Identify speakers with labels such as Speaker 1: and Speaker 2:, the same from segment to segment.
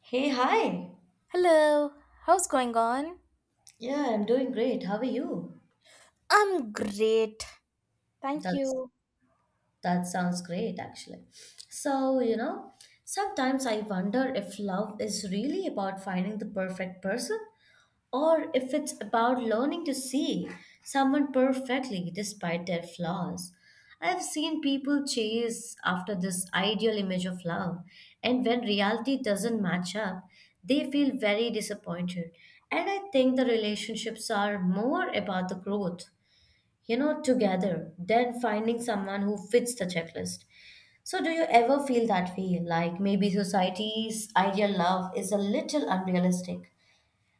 Speaker 1: Hey, hi.
Speaker 2: Hello, how's going on?
Speaker 1: Yeah, I'm doing great. How are you?
Speaker 2: I'm great. Thank
Speaker 1: That's
Speaker 2: you.
Speaker 1: that sounds great actually. So, you know, sometimes I wonder if love is really about finding the perfect person, or if it's about learning to see someone perfectly despite their flaws. I've seen people chase after this ideal image of love, and when reality doesn't match up, they feel very disappointed. And I think the relationships are more about the growth, you know, together than finding someone who fits the checklist. So, do you ever feel that way? Like maybe society's ideal love is a little unrealistic?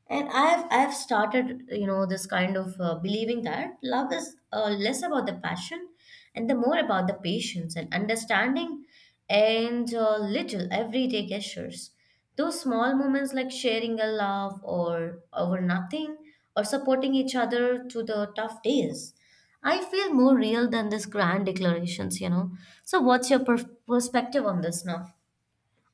Speaker 1: And I've started, you know, this kind of, believing that love is, less about the passion and the more about the patience and understanding, and little everyday gestures, those small moments like sharing a laugh or over nothing, or supporting each other through the tough days, I feel more real than these grand declarations, you know. So what's your perspective on this now?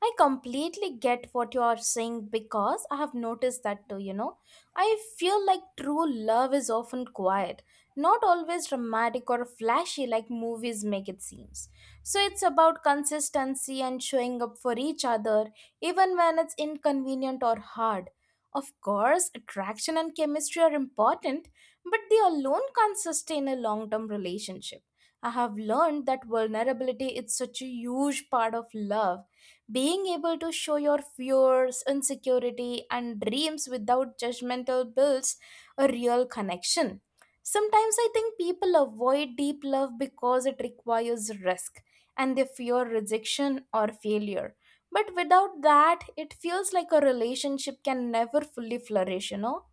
Speaker 2: I completely get what you are saying because I have noticed that too. I feel like true love is often quiet, not always dramatic or flashy like movies make it seems. So it's about consistency and showing up for each other even when it's inconvenient or hard. Of course, attraction and chemistry are important, but they alone can't sustain a long-term relationship. I have learned that vulnerability is such a huge part of love being able to show your fears, insecurity, and dreams without judgmental builds a real connection. Sometimes I think people avoid deep love because it requires risk and they fear rejection or failure. But without that, it feels like a relationship can never fully flourish, you know?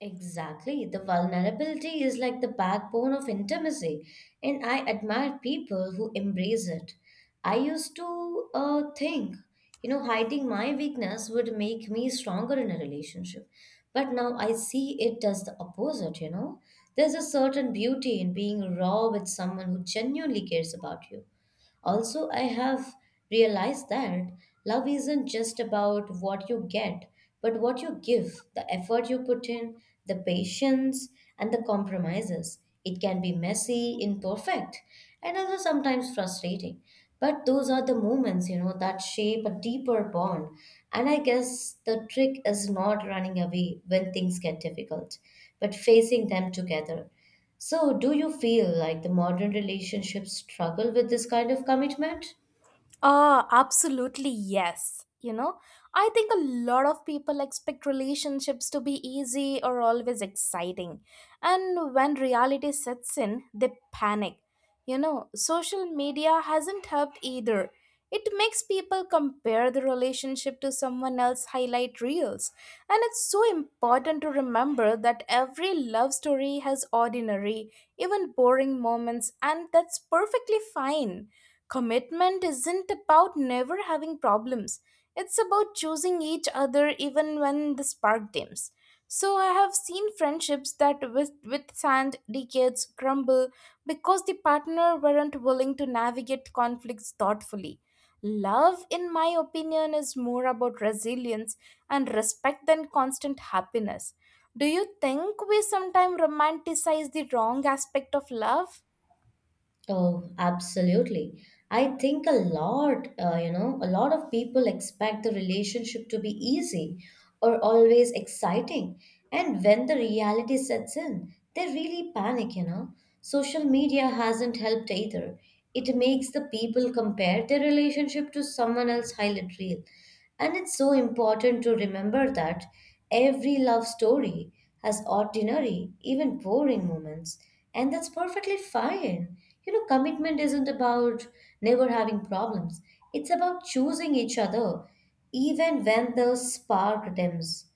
Speaker 1: Exactly. The vulnerability is like the backbone of intimacy, and I admire people who embrace it. I used to think, you know, hiding my weakness would make me stronger in a relationship. But now I see it does the opposite, you know. There's a certain beauty in being raw with someone who genuinely cares about you. Also, I have realized that love isn't just about what you get, but what you give, the effort you put in, the patience, and the compromises. It can be messy, imperfect, and also sometimes frustrating. But those are the moments, you know, that shape a deeper bond. And I guess the trick is not running away when things get difficult, but facing them together. So, do you feel like the modern relationships struggle with this kind of commitment?
Speaker 2: Oh, absolutely, yes. I think a lot of people expect relationships to be easy or always exciting. And when reality sets in, they panic. Social media hasn't helped either. It makes people compare the relationship to someone else's highlight reels. And it's so important to remember that every love story has ordinary, even boring moments, and that's perfectly fine. Commitment isn't about never having problems. It's about choosing each other even when the spark dims. So I have seen friendships that withstand decades crumble because the partner weren't willing to navigate conflicts thoughtfully. Love, in my opinion, is more about resilience and respect than constant happiness. Do you think we sometimes romanticize the wrong aspect of love?
Speaker 1: Oh, absolutely. I think a lot, you know, a lot of people expect the relationship to be easy or always exciting. And when the reality sets in, they really panic, you know. Social media hasn't helped either. It makes the people compare their relationship to someone else's highlight reel. And it's so important to remember that every love story has ordinary, even boring moments, and that's perfectly fine. You know, commitment isn't about never having problems, it's about choosing each other, even when the spark dims.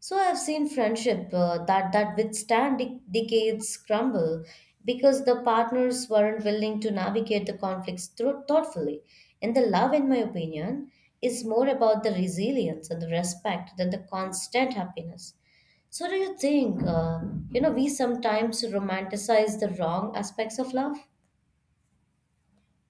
Speaker 1: So I've seen friendship, that withstand decades crumble because the partners weren't willing to navigate the conflicts thoughtfully. And the love, in my opinion, is more about the resilience and the respect than the constant happiness. So do you think, you know, we sometimes romanticize the wrong aspects of love?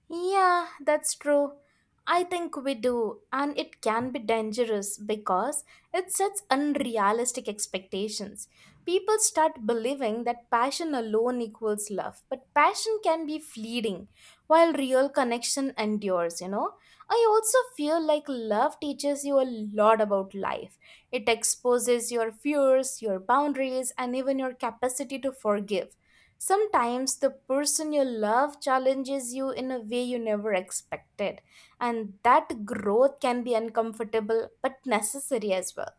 Speaker 2: Yeah, that's true. I think we do, and it can be dangerous because it sets unrealistic expectations. People start believing that passion alone equals love, but passion can be fleeting while real connection endures. I also feel like love teaches you a lot about life. It exposes your fears, your boundaries, and even your capacity to forgive. Sometimes the person you love challenges you in a way you never expected, and that growth can be uncomfortable but necessary as well.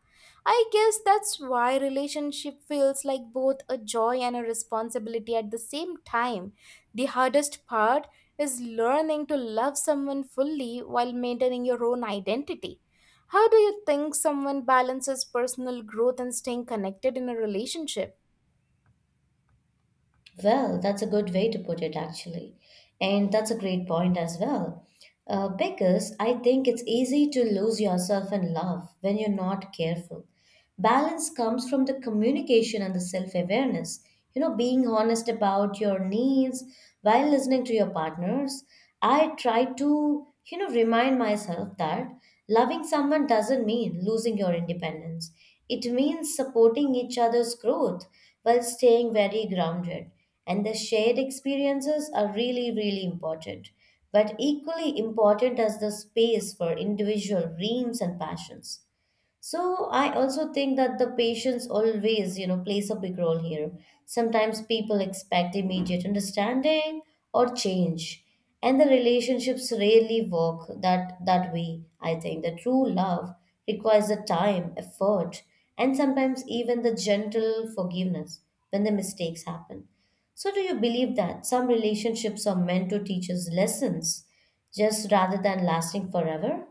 Speaker 2: I guess that's why relationship feels like both a joy and a responsibility at the same time. The hardest part is learning to love someone fully while maintaining your own identity. How do you think someone balances personal growth and staying connected in a relationship?
Speaker 1: Well, that's a good way to put it, actually. And that's a great point as well. Because I think it's easy to lose yourself in love when you're not careful. Balance comes from the communication and the self awareness. You know, being honest about your needs while listening to your partners. I try to, you know, remind myself that loving someone doesn't mean losing your independence, it means supporting each other's growth while staying very grounded. And the shared experiences are really, really important. But equally important as the space for individual dreams and passions. So I also think that the patients always, you know, plays a big role here. Sometimes people expect immediate understanding or change, and the relationships rarely work that way. I think the true love requires the time, effort, and sometimes even the gentle forgiveness when the mistakes happen. So do you believe that some relationships are meant to teach us lessons just rather than lasting forever?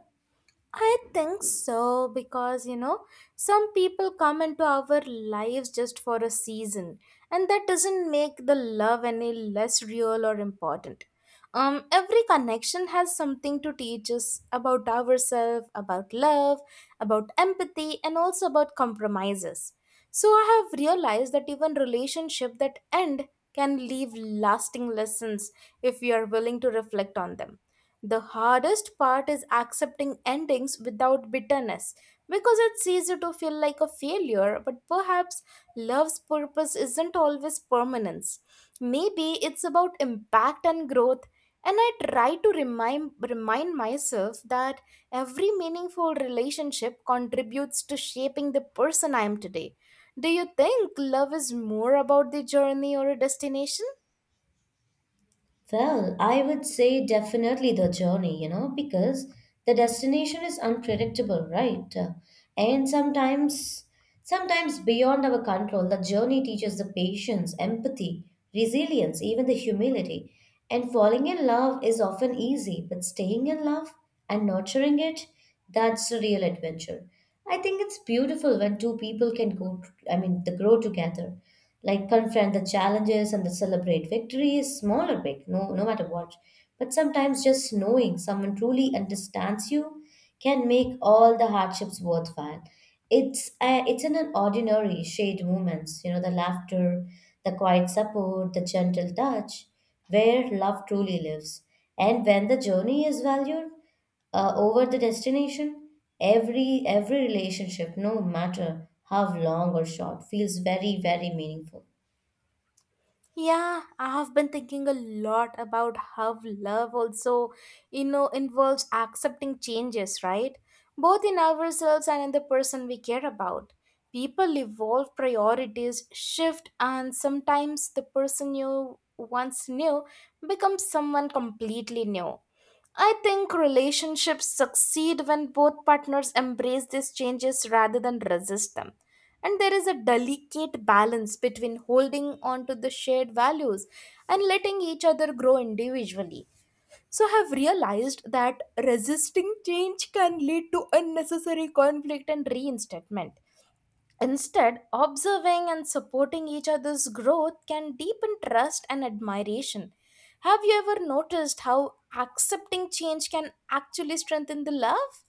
Speaker 2: I think so because some people come into our lives just for a season, and that doesn't make the love any less real or important. Every connection has something to teach us about ourselves, about love, about empathy and also about compromises. So I have realized that even relationship that end can leave lasting lessons if we are willing to reflect on them. The hardest part is accepting endings without bitterness because it's easy to feel like a failure, but perhaps love's purpose isn't always permanence. Maybe it's about impact and growth, and I try to remind myself that every meaningful relationship contributes to shaping the person I am today. Do you think love is more about the journey or a destination?
Speaker 1: Well, I would say definitely the journey, you know, because the destination is unpredictable, right? And sometimes, beyond our control, the journey teaches the patience, empathy, resilience, even the humility. And falling in love is often easy, but staying in love and nurturing it, that's a real adventure. I think it's beautiful when two people can go, I mean, the grow together, like confront the challenges and the celebrate victories, small or big, no matter what. But sometimes just knowing someone truly understands you can make all the hardships worthwhile. It's in an ordinary shade moments, you know, the laughter, the quiet support, the gentle touch, where love truly lives. And when the journey is valued, over the destination, every relationship, no matter how long or short, feels very, very meaningful.
Speaker 2: Yeah, I have been thinking a lot about how love also, involves accepting changes, right? Both in ourselves and in the person we care about. People evolve, priorities shift, and sometimes the person you once knew becomes someone completely new. I think relationships succeed when both partners embrace these changes rather than resist them. And there is a delicate balance between holding on to the shared values and letting each other grow individually. So, I have realized that resisting change can lead to unnecessary conflict and reinstatement. Instead, observing and supporting each other's growth can deepen trust and admiration. Have you ever noticed how accepting change can actually strengthen the love?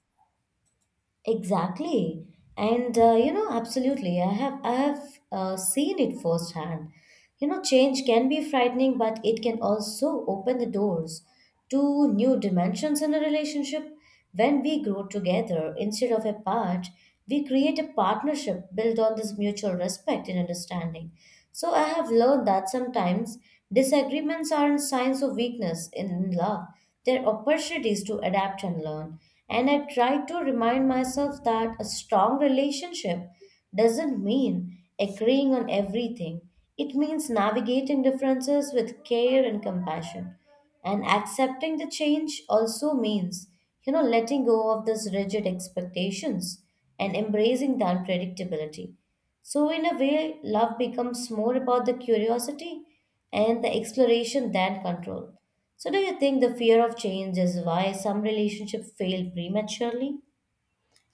Speaker 1: Exactly. And you know, absolutely. I have seen it firsthand. You know, change can be frightening, but it can also open the doors to new dimensions in a relationship. When we grow together instead of apart, we create a partnership built on this mutual respect and understanding. So I have learned that sometimes disagreements aren't signs of weakness in love, they're opportunities to adapt and learn. And I try to remind myself that a strong relationship doesn't mean agreeing on everything, it means navigating differences with care and compassion. And accepting the change also means, you know, letting go of these rigid expectations and embracing the unpredictability. So, in a way, love becomes more about the curiosity and the exploration than control. So, do you think the fear of change is why some relationships fail prematurely?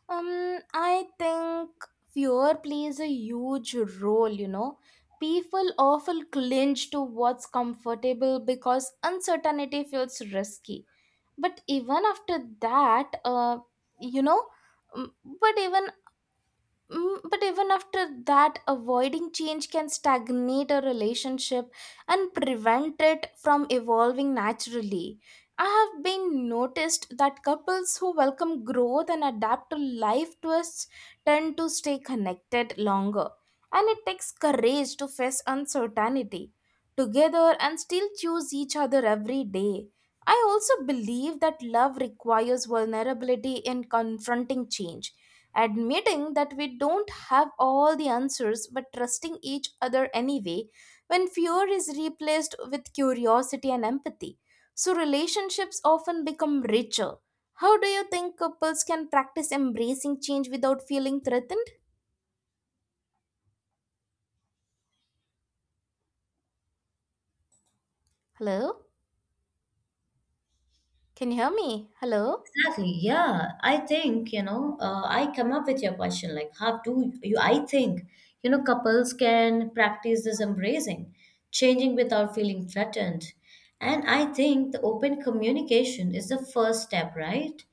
Speaker 2: I think fear plays a huge role. People often clinch to what's comfortable because uncertainty feels risky. But even after that, uh, you know, um, but even but even after that, avoiding change can stagnate a relationship and prevent it from evolving naturally. I have been noticed that couples who welcome growth and adapt to life twists tend to stay connected longer. And it takes courage to face uncertainty together and still choose each other every day. I also believe that love requires vulnerability in confronting change, admitting that we don't have all the answers but trusting each other anyway. When fear is replaced with curiosity and empathy, so relationships often become richer. How do you think couples can practice embracing change without feeling threatened? Hello, can you hear me? Hello?
Speaker 1: Exactly. Yeah. I think, you know, I come up with your question like, how do you? I think, you know, couples can practice this embracing, changing without feeling threatened. And I think the open communication is the first step, right?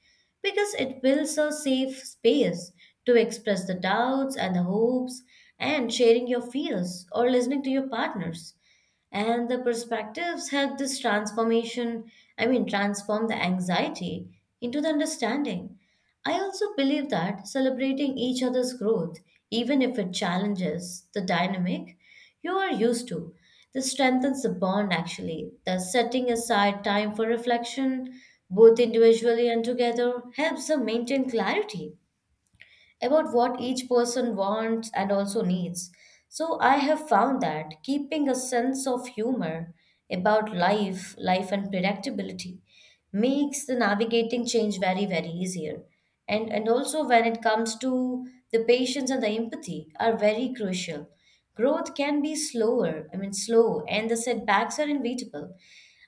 Speaker 1: Because it builds a safe space to express the doubts and the hopes, and sharing your fears or listening to your partners and the perspectives help this transformation. I mean, transform the anxiety into the understanding. I also believe that celebrating each other's growth, even if it challenges the dynamic you are used to, this strengthens the bond. Actually, the setting aside time for reflection, both individually and together, helps them maintain clarity about what each person wants and also needs. So I have found that keeping a sense of humor about life and predictability makes the navigating change very, very easier. And also when it comes to the patience and the empathy are very crucial. Growth can be slower, I mean slow, and the setbacks are inevitable.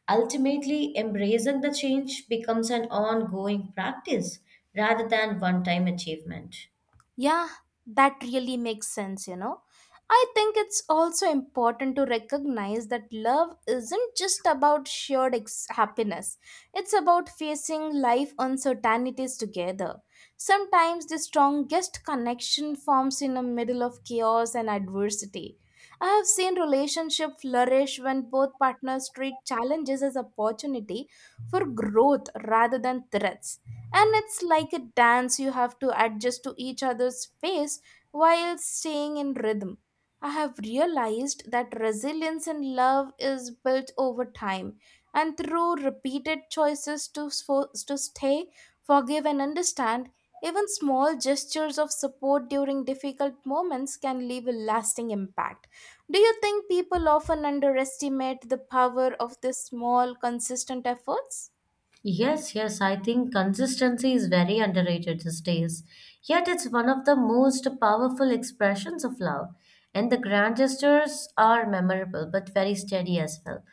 Speaker 1: Ultimately, embracing the change becomes an ongoing practice rather than one-time achievement.
Speaker 2: Yeah, that really makes sense. I think it's also important to recognize that love isn't just about shared happiness. It's about facing life uncertainties together. Sometimes the strongest connection forms in the middle of chaos and adversity. I have seen relationships flourish when both partners treat challenges as opportunity for growth rather than threats. And it's like a dance. You have to adjust to each other's pace while staying in rhythm. I have realized that resilience in love is built over time and through repeated choices to stay, forgive, and understand. Even small gestures of support during difficult moments can leave a lasting impact. Do you think people often underestimate the power of these small consistent efforts?
Speaker 1: Yes, yes, I think consistency is very underrated these days. Yet it's one of the most powerful expressions of love. And the grand gestures are memorable but very steady as well.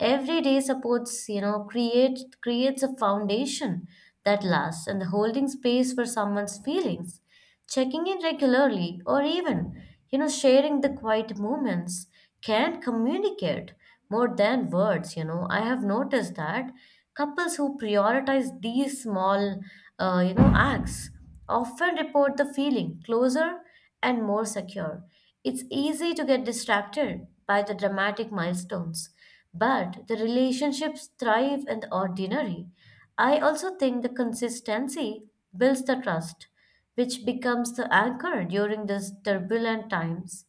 Speaker 1: Every day supports, you know, creates a foundation that lasts, and holding space for someone's feelings. Checking in regularly or even, you know, sharing the quiet moments can communicate more than words, you know. I have noticed that couples who prioritize these small, you know, acts often report the feeling closer and more secure. It's easy to get distracted by the dramatic milestones, but the relationships thrive in the ordinary. I also think the consistency builds the trust, which becomes the anchor during these turbulent times.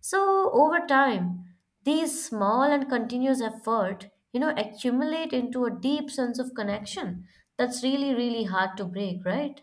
Speaker 1: So over time, these small and continuous effort, you know, accumulate into a deep sense of connection that's really, really hard to break, right?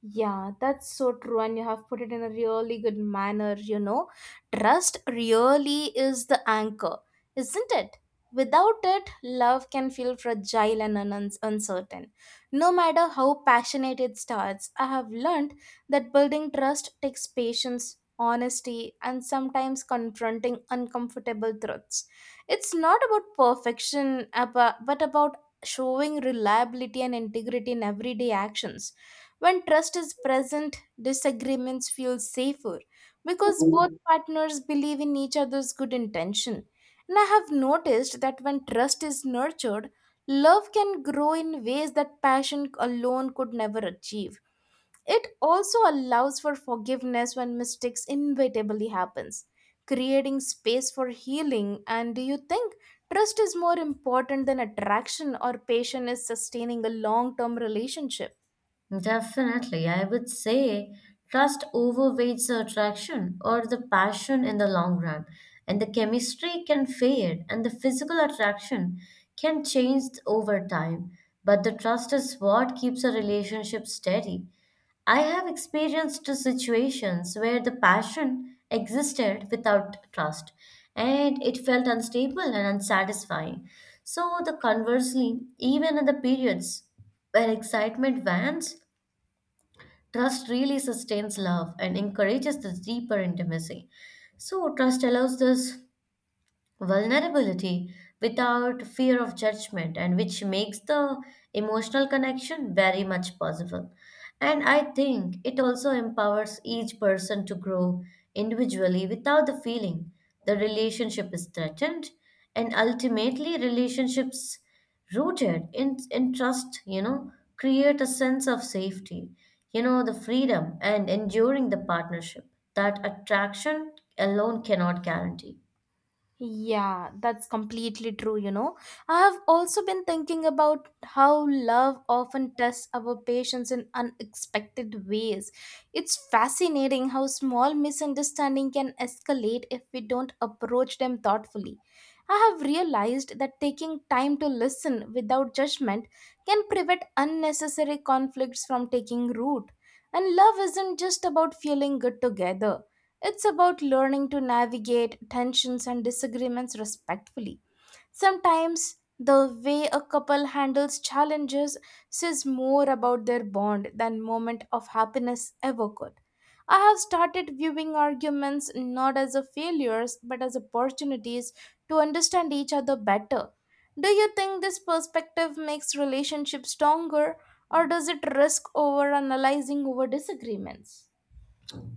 Speaker 2: Yeah, that's so true, and you have put it in a really good manner. Trust really is the anchor, isn't it? Without it, love can feel fragile and uncertain. No matter how passionate it starts, I have learned that building trust takes patience, honesty, and sometimes confronting uncomfortable truths. It's not about perfection, but about showing reliability and integrity in everyday actions. When trust is present, disagreements feel safer because both partners believe in each other's good intention. And I have noticed that when trust is nurtured, love can grow in ways that passion alone could never achieve. It also allows for forgiveness when mistakes inevitably happens, creating space for healing. And do you think trust is more important than attraction or passion is sustaining a long-term relationship?
Speaker 1: Definitely. I would say trust overweights the attraction or the passion in the long run, and the chemistry can fade, and the physical attraction can change over time. But the trust is what keeps a relationship steady. I have experienced situations where the passion existed without trust, and it felt unstable and unsatisfying. So, the conversely, even in the periods where excitement wanes, trust really sustains love and encourages this deeper intimacy. So, trust allows this vulnerability without fear of judgment, and which makes the emotional connection very much possible. And I think it also empowers each person to grow individually without the feeling the relationship is threatened. And ultimately relationships rooted in trust, you know, create a sense of safety, you know, the freedom and enduring the partnership that attraction alone cannot guarantee.
Speaker 2: Yeah, that's completely true. I have also been thinking about how love often tests our patience in unexpected ways. It's fascinating how small misunderstanding can escalate if we don't approach them thoughtfully. I have realized that taking time to listen without judgment can prevent unnecessary conflicts from taking root. And love isn't just about feeling good together. It's about learning to navigate tensions and disagreements respectfully. Sometimes the way a couple handles challenges says more about their bond than moment of happiness ever could. I have started viewing arguments not as a failures but as opportunities to understand each other better. Do you think this perspective makes relationships stronger, or does it risk over analyzing over disagreements?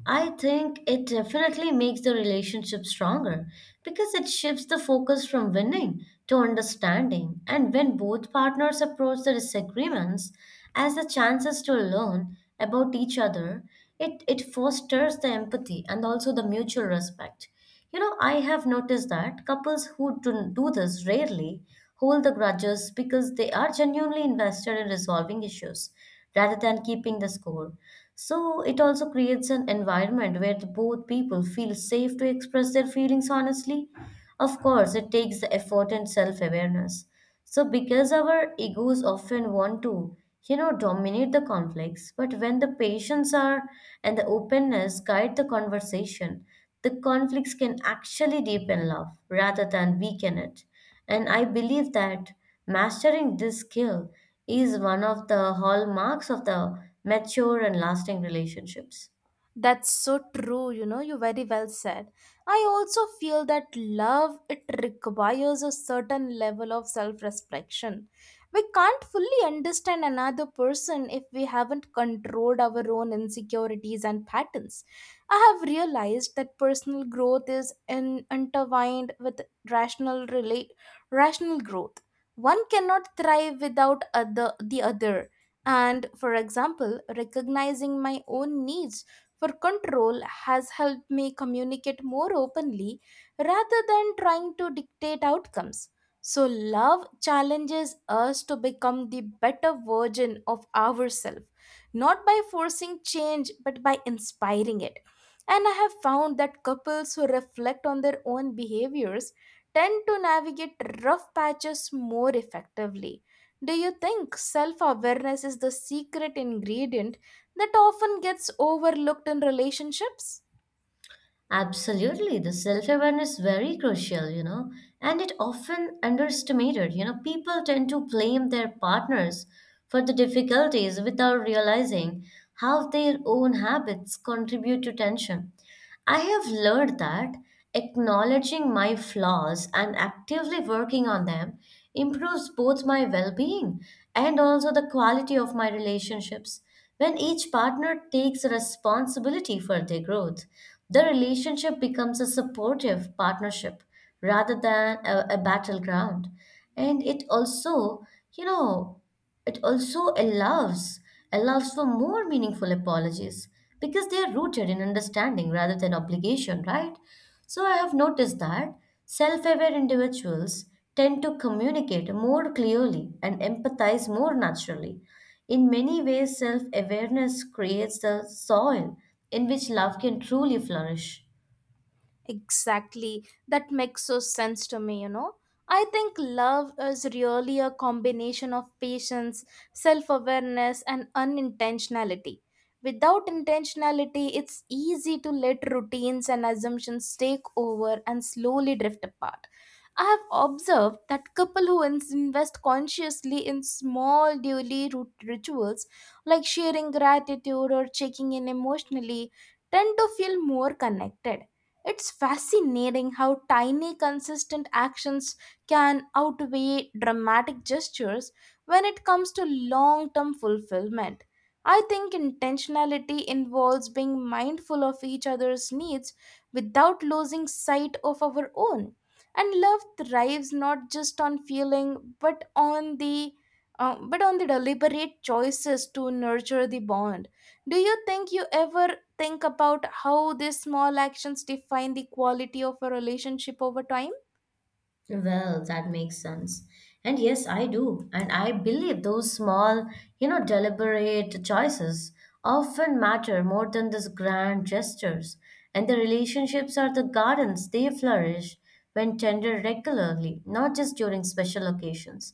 Speaker 1: I think it definitely makes the relationship stronger because it shifts the focus from winning to understanding. And when both partners approach the disagreements as the chances to learn about each other, it fosters the empathy and also the mutual respect. You know, I have noticed that couples who do this rarely hold the grudges because they are genuinely invested in resolving issues rather than keeping the score. So it also creates an environment where the both people feel safe to express their feelings honestly. Of course, it takes the effort and self awareness. So, because our egos often want to, you know, dominate the conflicts, but when the patience are and the openness guide the conversation, the conflicts can actually deepen love rather than weaken it. And I believe that mastering this skill is one of the hallmarks of the mature and lasting relationships.
Speaker 2: That's so true, you very well said. I also feel that love it requires a certain level of self-reflection. We can't fully understand another person if we haven't controlled our own insecurities and patterns. I have realized that personal growth is intertwined with rational relate rational growth. One cannot thrive without other the other. And for example, recognizing my own needs for control has helped me communicate more openly rather than trying to dictate outcomes. So, love challenges us to become the better version of ourselves, not by forcing change, but by inspiring it. And I have found that couples who reflect on their own behaviors tend to navigate rough patches more effectively. Do you think self awareness is the secret ingredient that often gets overlooked in relationships?
Speaker 1: Absolutely, the self awareness is very crucial, you know, and it often underestimated. You know, people tend to blame their partners for the difficulties without realizing how their own habits contribute to tension. I have learned that acknowledging my flaws and actively working on them improves both my well being and also the quality of my relationships. When each partner takes responsibility for their growth, the relationship becomes a supportive partnership rather than a battleground. And it also, you know, it also allows for more meaningful apologies because they are rooted in understanding rather than obligation, right? So I have noticed that self-aware individuals tend to communicate more clearly and empathize more naturally. In many ways, self-awareness creates the soil in which love can truly flourish.
Speaker 2: Exactly. That makes so sense to me. I think love is really a combination of patience, self awareness, and unintentionality. Without intentionality, it's easy to let routines and assumptions take over and slowly drift apart. I have observed that couples who invest consciously in small daily rituals like sharing gratitude or checking in emotionally tend to feel more connected. It's fascinating how tiny consistent actions can outweigh dramatic gestures when it comes to long-term fulfillment. I think intentionality involves being mindful of each other's needs without losing sight of our own, and love thrives not just on feeling but on the deliberate choices to nurture the bond. Do you think you ever think about how these small actions define the quality of a relationship over time?
Speaker 1: Well, that makes sense. And yes, I do. And I believe those small, you know, deliberate choices often matter more than these grand gestures. And the relationships are the gardens, they flourish when tended regularly, not just during special occasions.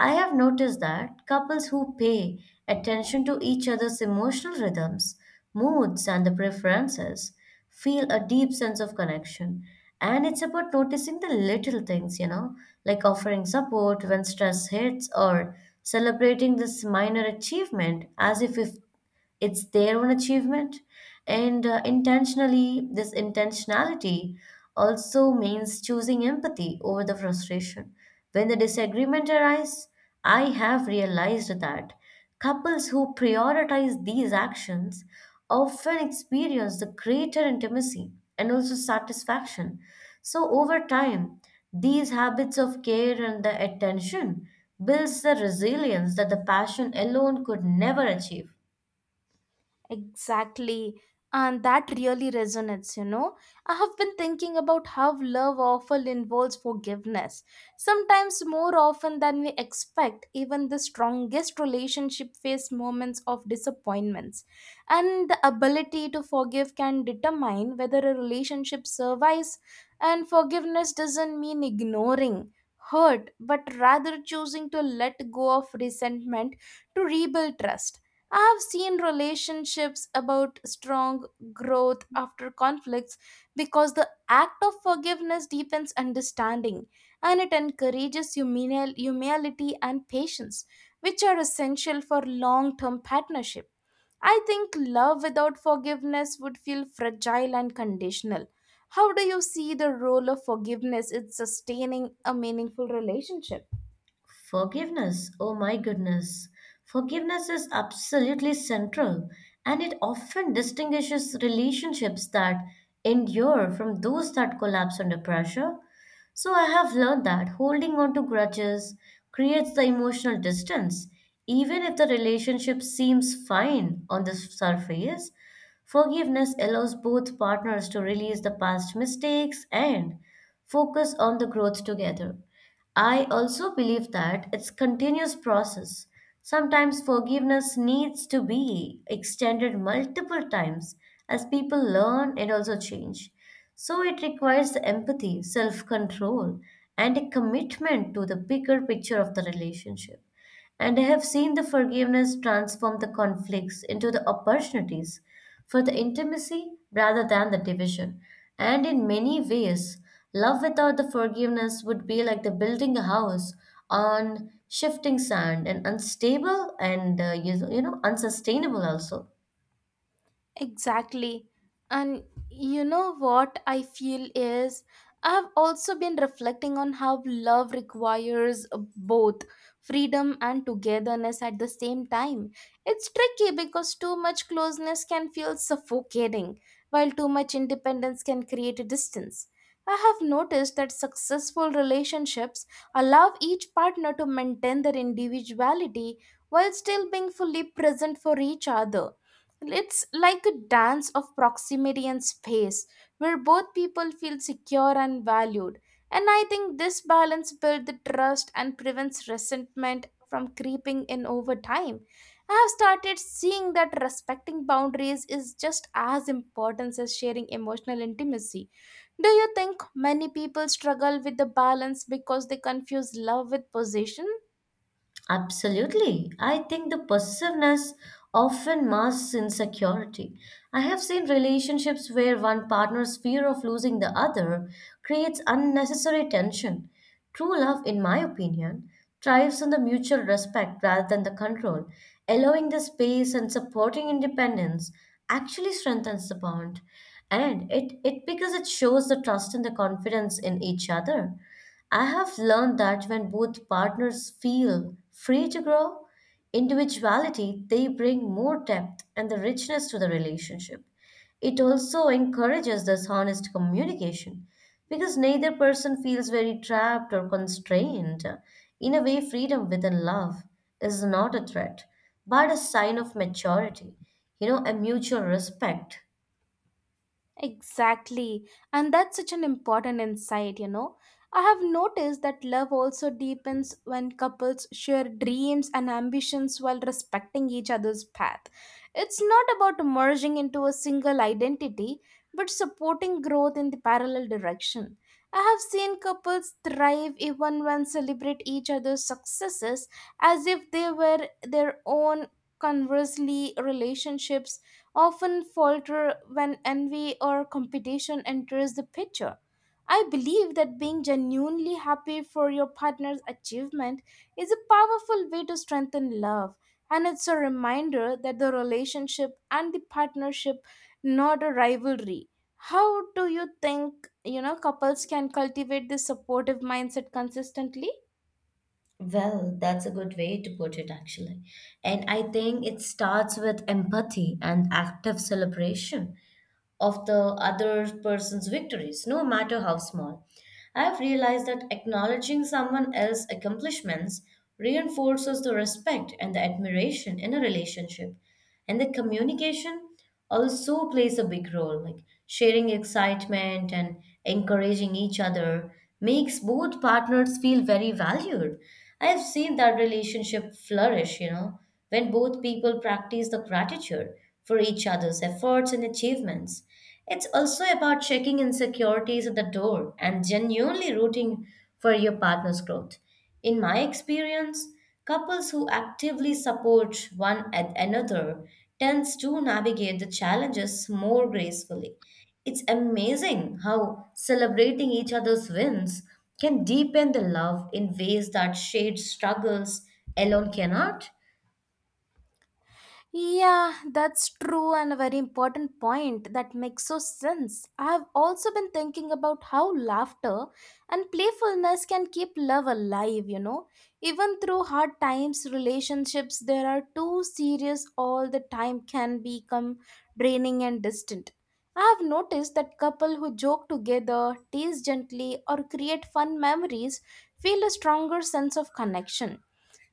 Speaker 1: I have noticed that couples who pay attention to each other's emotional rhythms, moods, and the preferences feel a deep sense of connection. And it's about noticing the little things, you know, like offering support when stress hits or celebrating this minor achievement as if it's their own achievement. And intentionally, this intentionality also means choosing empathy over the frustration. When the disagreement arises, I have realized that. Couples who prioritize these actions often experience the greater intimacy and also satisfaction. So over time, these habits of care and the attention builds the resilience that the passion alone could never achieve.
Speaker 2: Exactly. And that really resonates. I have been thinking about how love often involves forgiveness, sometimes more often than we expect. Even the strongest relationship face moments of disappointments, and the ability to forgive can determine whether a relationship survives. And forgiveness doesn't mean ignoring hurt, but rather choosing to let go of resentment to rebuild trust. I've seen relationships about strong growth after conflicts because the act of forgiveness deepens understanding, and it encourages humility and patience, which are essential for long term partnership. I think love without forgiveness would feel fragile and conditional. How do you see the role of forgiveness in sustaining a meaningful relationship?
Speaker 1: Forgiveness, oh my goodness. Forgiveness is absolutely central and it often distinguishes relationships that endure from those that collapse under pressure. So I have learned that holding on to grudges creates the emotional distance, even if the relationship seems fine on the surface. Forgiveness allows both partners to release the past mistakes and focus on the growth together. I also believe that it's continuous process. Sometimes forgiveness needs to be extended multiple times as people learn and also change. So it requires the empathy, self-control, and a commitment to the bigger picture of the relationship. And I have seen the forgiveness transform the conflicts into the opportunities for the intimacy rather than the division. And in many ways, love without the forgiveness would be like the building a house on shifting sand and unstable and you know unsustainable also.
Speaker 2: Exactly. And you know what I feel is, I've also been reflecting on how love requires both freedom and togetherness at the same time. It's tricky because too much closeness can feel suffocating, while too much independence can create a distance. I have noticed that successful relationships allow each partner to maintain their individuality while still being fully present for each other. It's like a dance of proximity and space where both people feel secure and valued. And I think this balance builds the trust and prevents resentment from creeping in over time. I have started seeing that respecting boundaries is just as important as sharing emotional intimacy. Do you think many people struggle with the balance because they confuse love with possession?
Speaker 1: Absolutely. I think the possessiveness often masks insecurity. I have seen relationships where one partner's fear of losing the other creates unnecessary tension. True love, in my opinion, thrives on the mutual respect rather than the control. Allowing the space and supporting independence actually strengthens the bond. And it because it shows the trust and the confidence in each other. I have learned that when both partners feel free to grow individuality, they bring more depth and the richness to the relationship. It also encourages this honest communication because neither person feels very trapped or constrained. In a way, freedom within love is not a threat, but a sign of maturity, you know, a mutual respect.
Speaker 2: Exactly. And that's such an important insight, you know. I have noticed that love also deepens when couples share dreams and ambitions while respecting each other's path. It's not about merging into a single identity, but supporting growth in the parallel direction. I have seen couples thrive even when celebrate each other's successes as if they were their own. Conversely, relationships often falter when envy or competition enters the picture. I believe that being genuinely happy for your partner's achievement is a powerful way to strengthen love, and it's a reminder that the relationship and the partnership not a rivalry. How do you think, you know, couples can cultivate this supportive mindset consistently?
Speaker 1: Well, that's a good way to put it, actually. And I think it starts with empathy and active celebration of the other person's victories, no matter how small. I've realized that acknowledging someone else's accomplishments reinforces the respect and the admiration in a relationship. And the communication also plays a big role, like sharing excitement and encouraging each other makes both partners feel very valued. I've seen that relationship flourish, you know, when both people practice the gratitude for each other's efforts and achievements. It's also about checking insecurities at the door and genuinely rooting for your partner's growth. In my experience, couples who actively support one at another tends to navigate the challenges more gracefully. It's amazing how celebrating each other's wins can deepen the love in ways that shared struggles alone cannot.
Speaker 2: Yeah, that's true, and a very important point that makes so sense. I have also been thinking about how laughter and playfulness can keep love alive, you know. Even through hard times, relationships there are too serious all the time can become draining and distant. I have noticed that couple who joke together, tease gently or create fun memories feel a stronger sense of connection.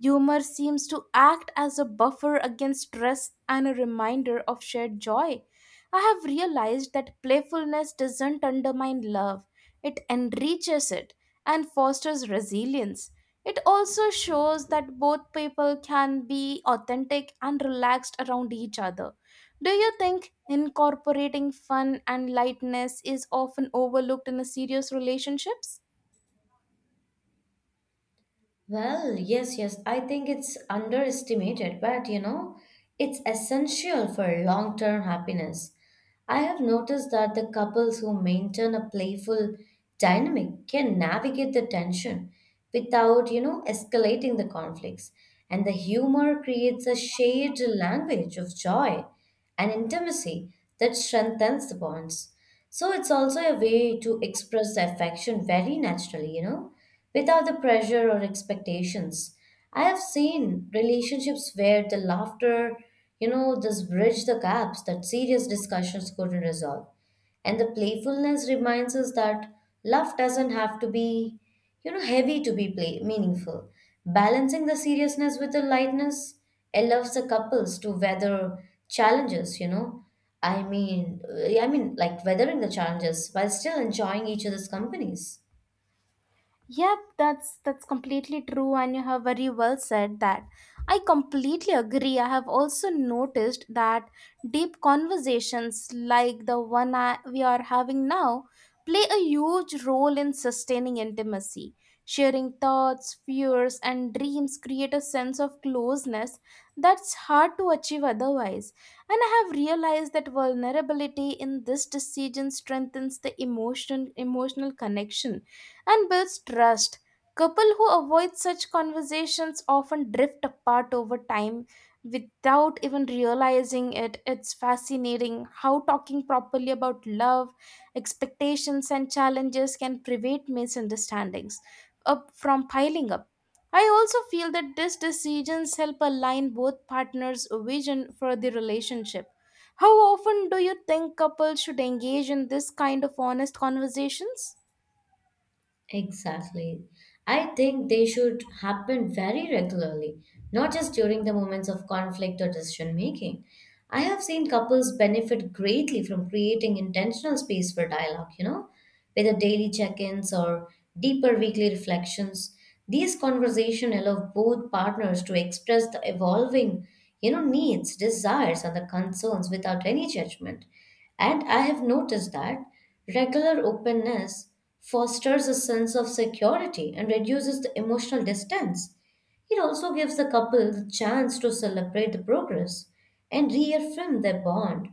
Speaker 2: Humor seems to act as a buffer against stress and a reminder of shared joy. I have realized that playfulness doesn't undermine love, it enriches it and fosters resilience. It also shows that both people can be authentic and relaxed around each other. Do you think incorporating fun and lightness is often overlooked in a serious relationships?
Speaker 1: Well, yes, I think it's underestimated, but you know, it's essential for long term happiness. I have noticed that the couples who maintain a playful dynamic can navigate the tension without, you know, escalating the conflicts. And the humor creates a shared language of joy and intimacy that strengthens the bonds. So it's also a way to express the affection very naturally, you know, without the pressure or expectations. I have seen relationships where the laughter, you know, this bridge the gaps that serious discussions couldn't resolve. And the playfulness reminds us that love doesn't have to be, you know, heavy to be meaningful. Balancing the seriousness with the lightness allows the couples to weather challenges, you know. Like weathering the challenges while still enjoying each other's companies.
Speaker 2: Yep, that's completely true, and you have very well said that. I completely agree. I have also noticed that deep conversations like the one we are having now play a huge role in sustaining intimacy. Sharing thoughts, fears and dreams create a sense of closeness that's hard to achieve otherwise. And I have realized that vulnerability in this decision strengthens the emotional connection and builds trust. Couple who avoid such conversations often drift apart over time without even realizing it. It's fascinating how talking properly about love, expectations, and challenges can prevent misunderstandings up from piling up. I also feel that these decisions help align both partners' vision for the relationship. How often do you think couples should engage in this kind of honest conversations?
Speaker 1: Exactly. I think they should happen very regularly, not just during the moments of conflict or decision making. I have seen couples benefit greatly from creating intentional space for dialogue, you know, whether daily check ins or deeper weekly reflections. These conversations allow both partners to express the evolving, you know, needs, desires, and the concerns without any judgment. And I have noticed that regular openness fosters a sense of security and reduces the emotional distance. It also gives the couple the chance to celebrate the progress and reaffirm their bond.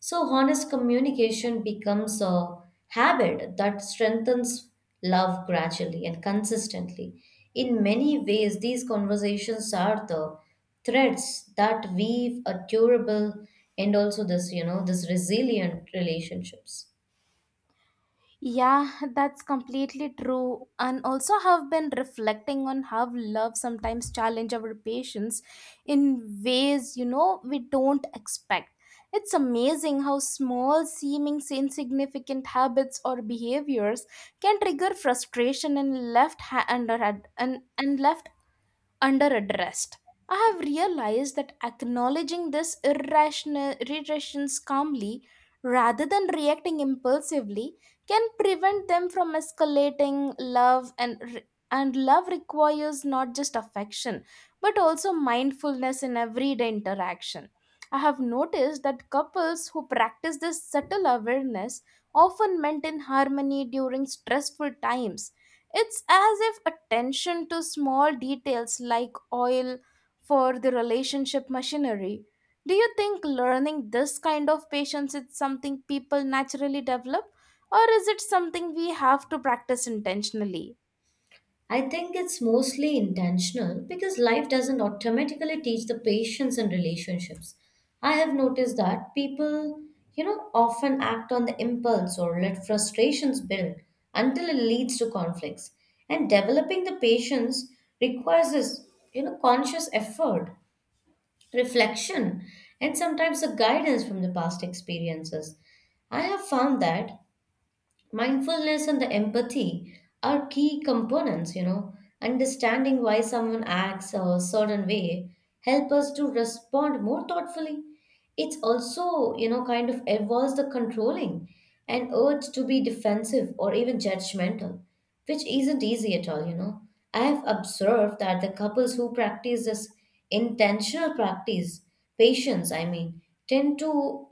Speaker 1: So, honest communication becomes a habit that strengthens love gradually and consistently. In many ways, these conversations are the threads that weave a durable and also this, you know, this resilient relationships.
Speaker 2: Yeah, that's completely true. And also have been reflecting on how love sometimes challenge our patience in ways, you know, we don't expect. It's amazing how small seeming insignificant habits or behaviors can trigger frustration and left ha- under and left under addressed. I have realized that acknowledging this irrational irritations calmly rather than reacting impulsively can prevent them from escalating love and love requires not just affection but also mindfulness in everyday interaction. I have noticed that couples who practice this subtle awareness often maintain harmony during stressful times. It's as if attention to small details like oil for the relationship machinery. Do you think learning this kind of patience is something people naturally develop, or is it something we have to practice intentionally?
Speaker 1: I think it's mostly intentional because life doesn't automatically teach the patience in relationships. I have noticed that people, you know, often act on the impulse or let frustrations build until it leads to conflicts. And developing the patience requires this, you know, conscious effort, reflection, and sometimes the guidance from the past experiences. I have found that mindfulness and the empathy are key components, you know, understanding why someone acts a certain way help us to respond more thoughtfully. It's also, you know, kind of evolves the controlling and urge to be defensive or even judgmental, which isn't easy at all, you know. I have observed that the couples who practice this intentional practice, patience I mean, tend to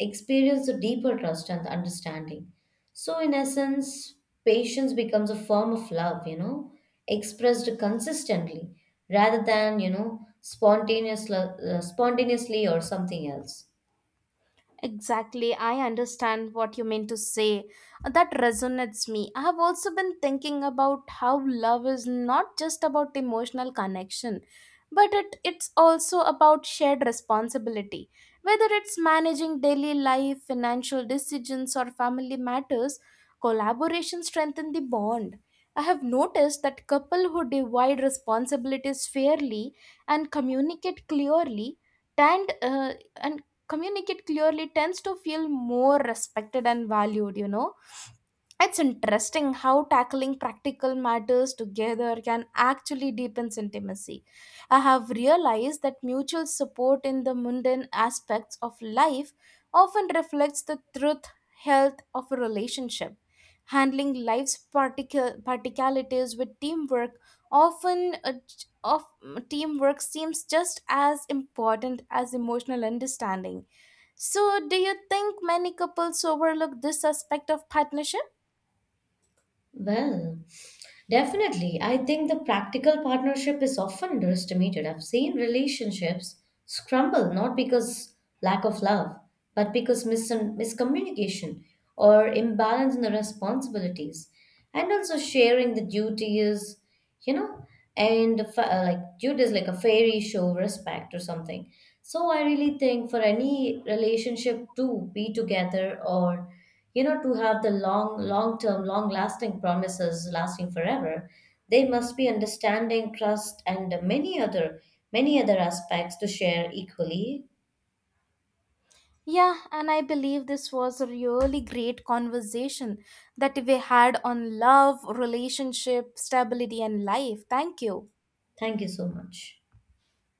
Speaker 1: experience a deeper trust and the understanding. So, in essence, patience becomes a form of love, you know, expressed consistently rather than, you know, spontaneously or something else.
Speaker 2: Exactly, I understand what you mean to say. That resonates me. I have also been thinking about how love is not just about emotional connection, but it's also about shared responsibility. Whether it's managing daily life, financial decisions, or family matters, collaboration strengthens the bond. I have noticed that couples who divide responsibilities fairly and communicate clearly tend uh, and tends to feel more respected and valued, you know. It's interesting how tackling practical matters together can actually deepen intimacy. I have realized that mutual support in the mundane aspects of life often reflects the truth health of a relationship. Handling life's particularities with teamwork often of teamwork seems just as important as emotional understanding. So, do you think many couples overlook this aspect of partnership?
Speaker 1: Well, definitely. I think the practical partnership is often underestimated. I've seen relationships scramble not because lack of love, but because miscommunication or imbalance in the responsibilities, and also sharing the duties, you know, and like dude is like a fairy show respect or something. So I really think for any relationship to be together, or you know, to have the long lasting promises lasting forever, they must be understanding trust and many other aspects to share equally.
Speaker 2: Yeah, and I believe this was a really great conversation that we had on love, relationship, stability, and life. Thank you.
Speaker 1: Thank you so much.